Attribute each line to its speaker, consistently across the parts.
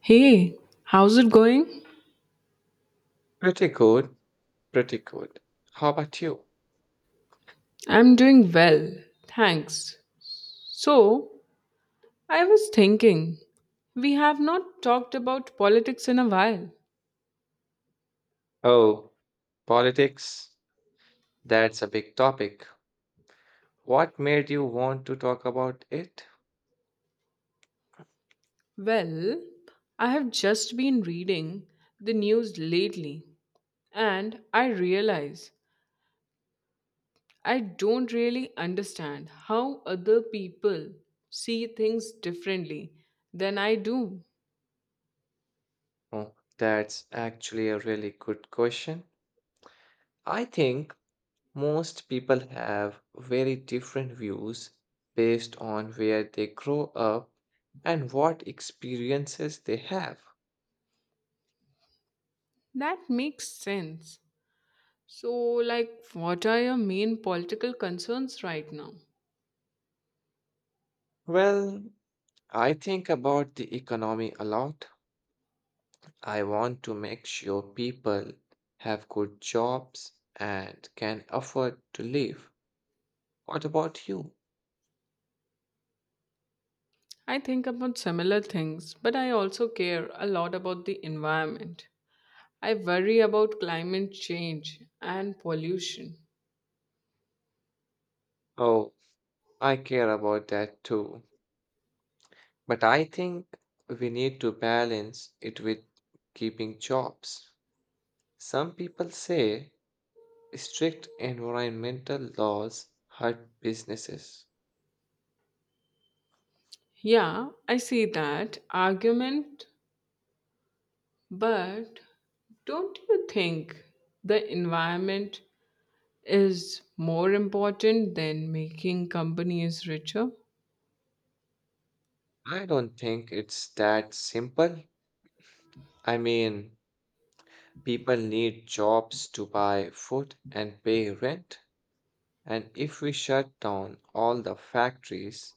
Speaker 1: Hey, how's it going?
Speaker 2: Pretty good, pretty good. How about you?
Speaker 1: I'm doing well, thanks. So, I was thinking, we have not talked about politics in a while.
Speaker 2: Oh, politics, that's a big topic. What made you want to talk about it?
Speaker 1: Well, I have just been reading the news lately, and I realize I don't really understand how other people see things differently than I do.
Speaker 2: Oh, that's actually a really good question. I think most people have very different views based on where they grow up and what experiences they have.
Speaker 1: That makes sense. So, like, what are your main political concerns right now?
Speaker 2: Well, I think about the economy a lot. I want to make sure people have good jobs and can afford to live. What about you?
Speaker 1: I think about similar things, but I also care a lot about the environment. I worry about climate change and pollution.
Speaker 2: Oh, I care about that too. But I think we need to balance it with keeping jobs. Some people say strict environmental laws hurt businesses.
Speaker 1: Yeah, I see that argument, but don't you think the environment is more important than making companies richer?
Speaker 2: I don't think it's that simple. I mean, people need jobs to buy food and pay rent. And if we shut down all the factories,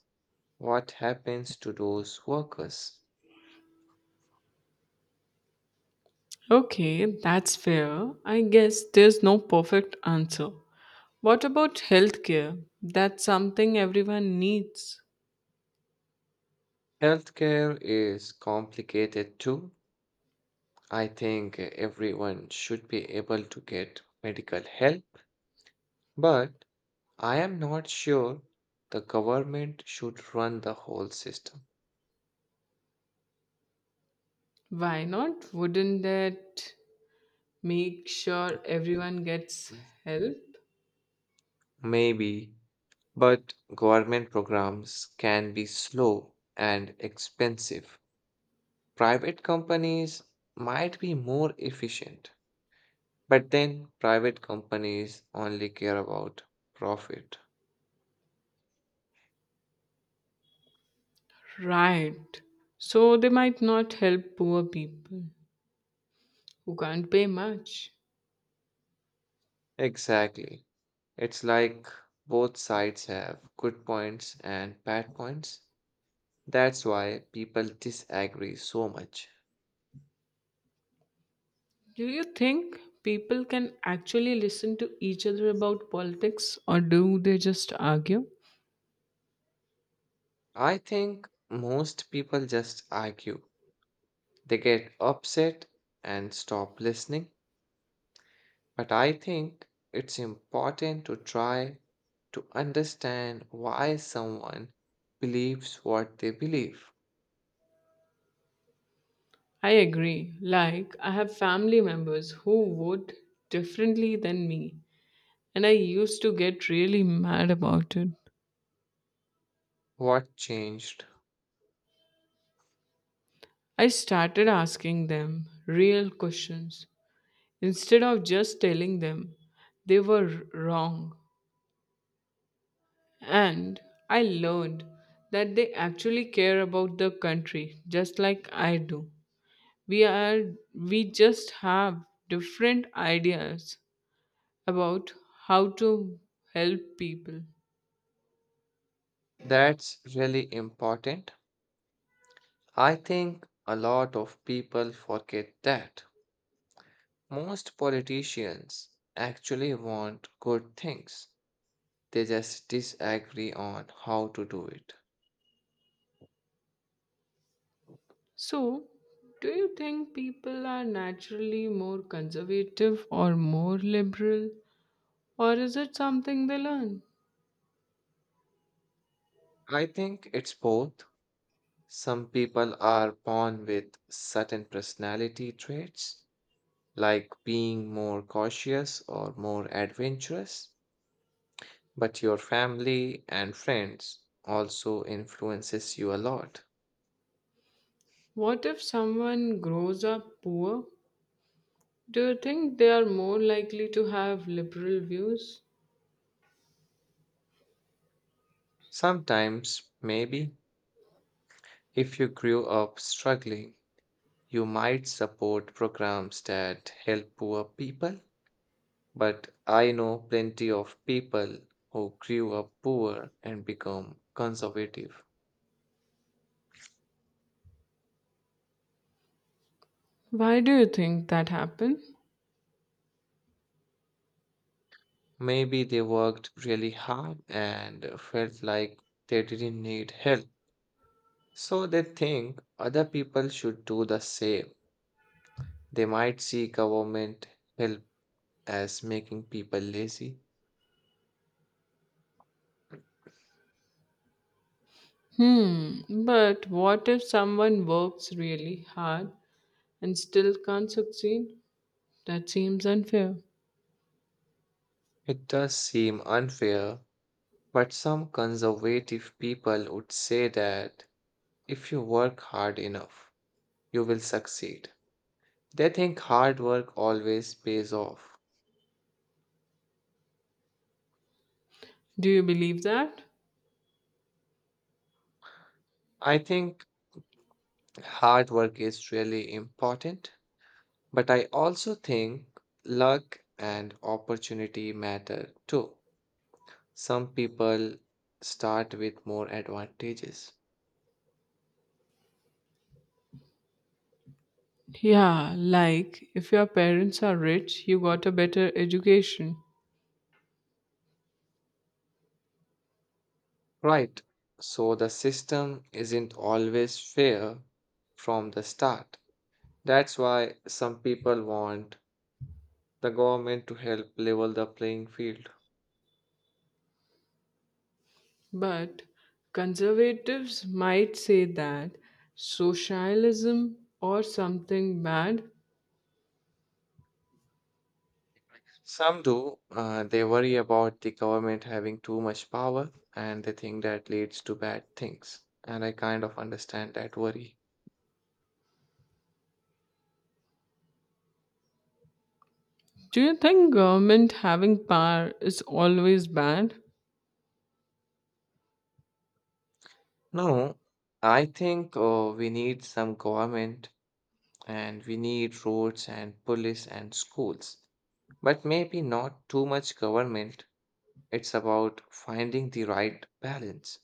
Speaker 2: what happens to those workers?
Speaker 1: Okay, that's fair. I guess there's no perfect answer. What about healthcare? That's something everyone needs.
Speaker 2: Healthcare is complicated too. I think everyone should be able to get medical help, but I am not sure the government should run the whole system.
Speaker 1: Why not? Wouldn't that make sure everyone gets help?
Speaker 2: Maybe, but government programs can be slow and expensive. Private companies might be more efficient. But then private companies only care about profit.
Speaker 1: Right. So they might not help poor people who can't pay much.
Speaker 2: Exactly. It's like both sides have good points and bad points. That's why people disagree so much.
Speaker 1: Do you think people can actually listen to each other about politics or do they just argue?
Speaker 2: I think most people just argue. They get upset and stop listening. But I think it's important to try to understand why someone believes what they believe.
Speaker 1: I agree. Like, I have family members who vote differently than me, and I used to get really mad about it.
Speaker 2: What changed?
Speaker 1: I started asking them real questions instead of just telling them they were wrong. And I learned that they actually care about the country just like I do. We are we just have different ideas about how to help people.
Speaker 2: That's really important. I think a lot of people forget that. Most politicians actually want good things, they just disagree on how to do it.
Speaker 1: So, do you think people are naturally more conservative or more liberal, or is it something they learn?
Speaker 2: I think it's both. Some people are born with certain personality traits, like being more cautious or more adventurous. But your family and friends also influences you a lot.
Speaker 1: What if someone grows up poor? Do you think they are more likely to have liberal views?
Speaker 2: Sometimes, maybe, if you grew up struggling, you might support programs that help poor people. But I know plenty of people who grew up poor and become conservative.
Speaker 1: Why do you think that happened?
Speaker 2: Maybe they worked really hard and felt like they didn't need help. So they think other people should do the same. They might see government help as making people lazy.
Speaker 1: Hmm, but what if someone works really hard and still can't succeed? That seems unfair.
Speaker 2: It does seem unfair, but some conservative people would say that if you work hard enough, you will succeed. They think hard work always pays off.
Speaker 1: Do you believe that?
Speaker 2: I think hard work is really important, but I also think luck and opportunity matter too. Some people start with more advantages.
Speaker 1: Yeah, like if your parents are rich, you got a better education.
Speaker 2: Right. So the system isn't always fair from the start. That's why some people want the government to help level the playing field.
Speaker 1: But conservatives might say that socialism or something bad.
Speaker 2: Some do. They worry about the government having too much power, and they think that leads to bad things. And I kind of understand that worry.
Speaker 1: Do you think government having power is always bad?
Speaker 2: No, I think we need some government, and we need roads and police and schools. But maybe not too much government. It's about finding the right balance.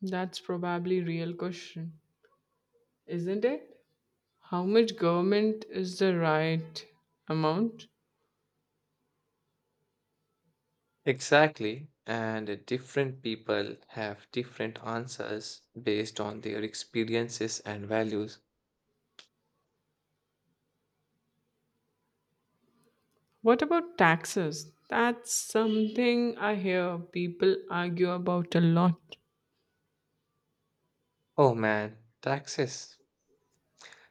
Speaker 1: That's probably real question, isn't it? How much government is the right amount?
Speaker 2: Exactly. And different people have different answers based on their experiences and values.
Speaker 1: What about taxes? That's something I hear people argue about a lot.
Speaker 2: Oh man, taxes.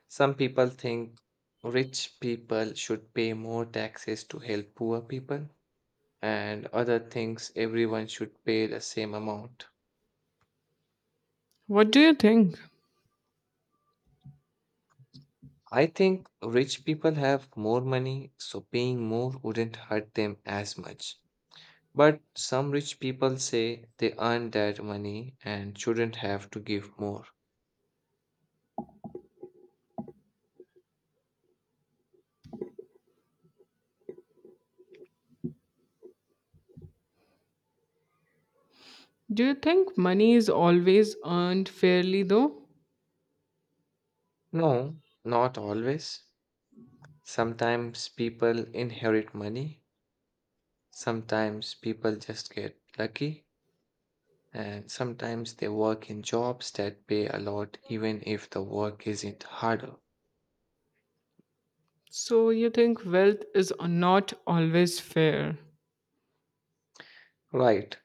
Speaker 2: Some people think rich people should pay more taxes to help poor people, and other thinks everyone should pay the same amount.
Speaker 1: What do you think?
Speaker 2: I think rich people have more money, so paying more wouldn't hurt them as much. But some rich people say they earned that money and shouldn't have to give more.
Speaker 1: Do you think money is always earned fairly though?
Speaker 2: No, not always. Sometimes people inherit money, sometimes people just get lucky, and sometimes they work in jobs that pay a lot even if the work isn't harder.
Speaker 1: So you think wealth is not always fair?
Speaker 2: Right.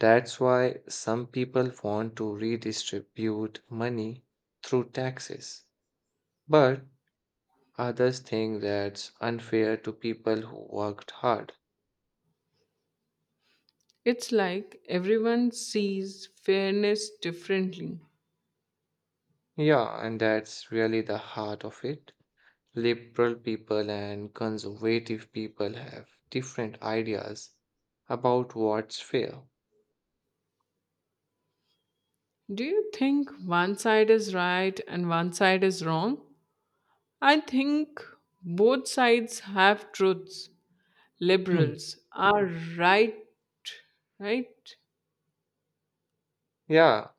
Speaker 2: That's why some people want to redistribute money through taxes, but others think that's unfair to people who worked hard.
Speaker 1: It's like everyone sees fairness differently.
Speaker 2: Yeah, and that's really the heart of it. Liberal people and conservative people have different ideas about what's fair.
Speaker 1: Do you think one side is right and one side is wrong? I think both sides have truths.
Speaker 2: Mm.
Speaker 1: Liberals are right, right?
Speaker 2: Yeah,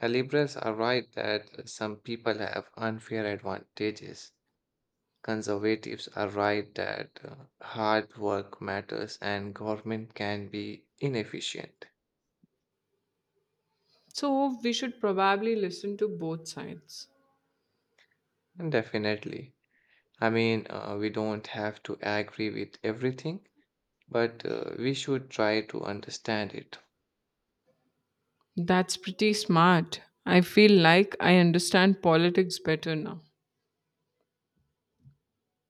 Speaker 2: liberals are right that some people have unfair advantages. Conservatives are right that hard work matters and government can be inefficient.
Speaker 1: So we should probably listen to both sides.
Speaker 2: Definitely. I mean, we don't have to agree with everything, but we should try to understand it.
Speaker 1: That's pretty smart. I feel like I understand politics better now.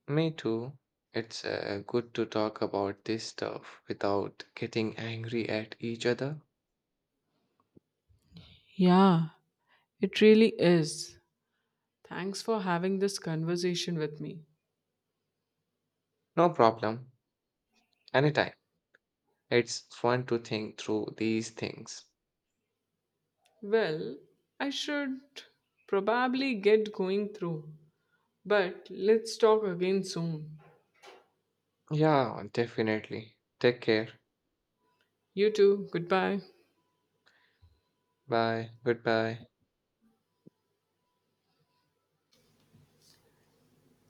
Speaker 2: Me too. It's good to talk about this stuff without getting angry at each other.
Speaker 1: Yeah, it really is. Thanks for having this conversation with me.
Speaker 2: No problem. Anytime. It's fun to think through these things.
Speaker 1: Well, I should probably get going through, but let's talk again soon.
Speaker 2: Yeah, definitely. Take care.
Speaker 1: You too, goodbye.
Speaker 2: Bye. Goodbye.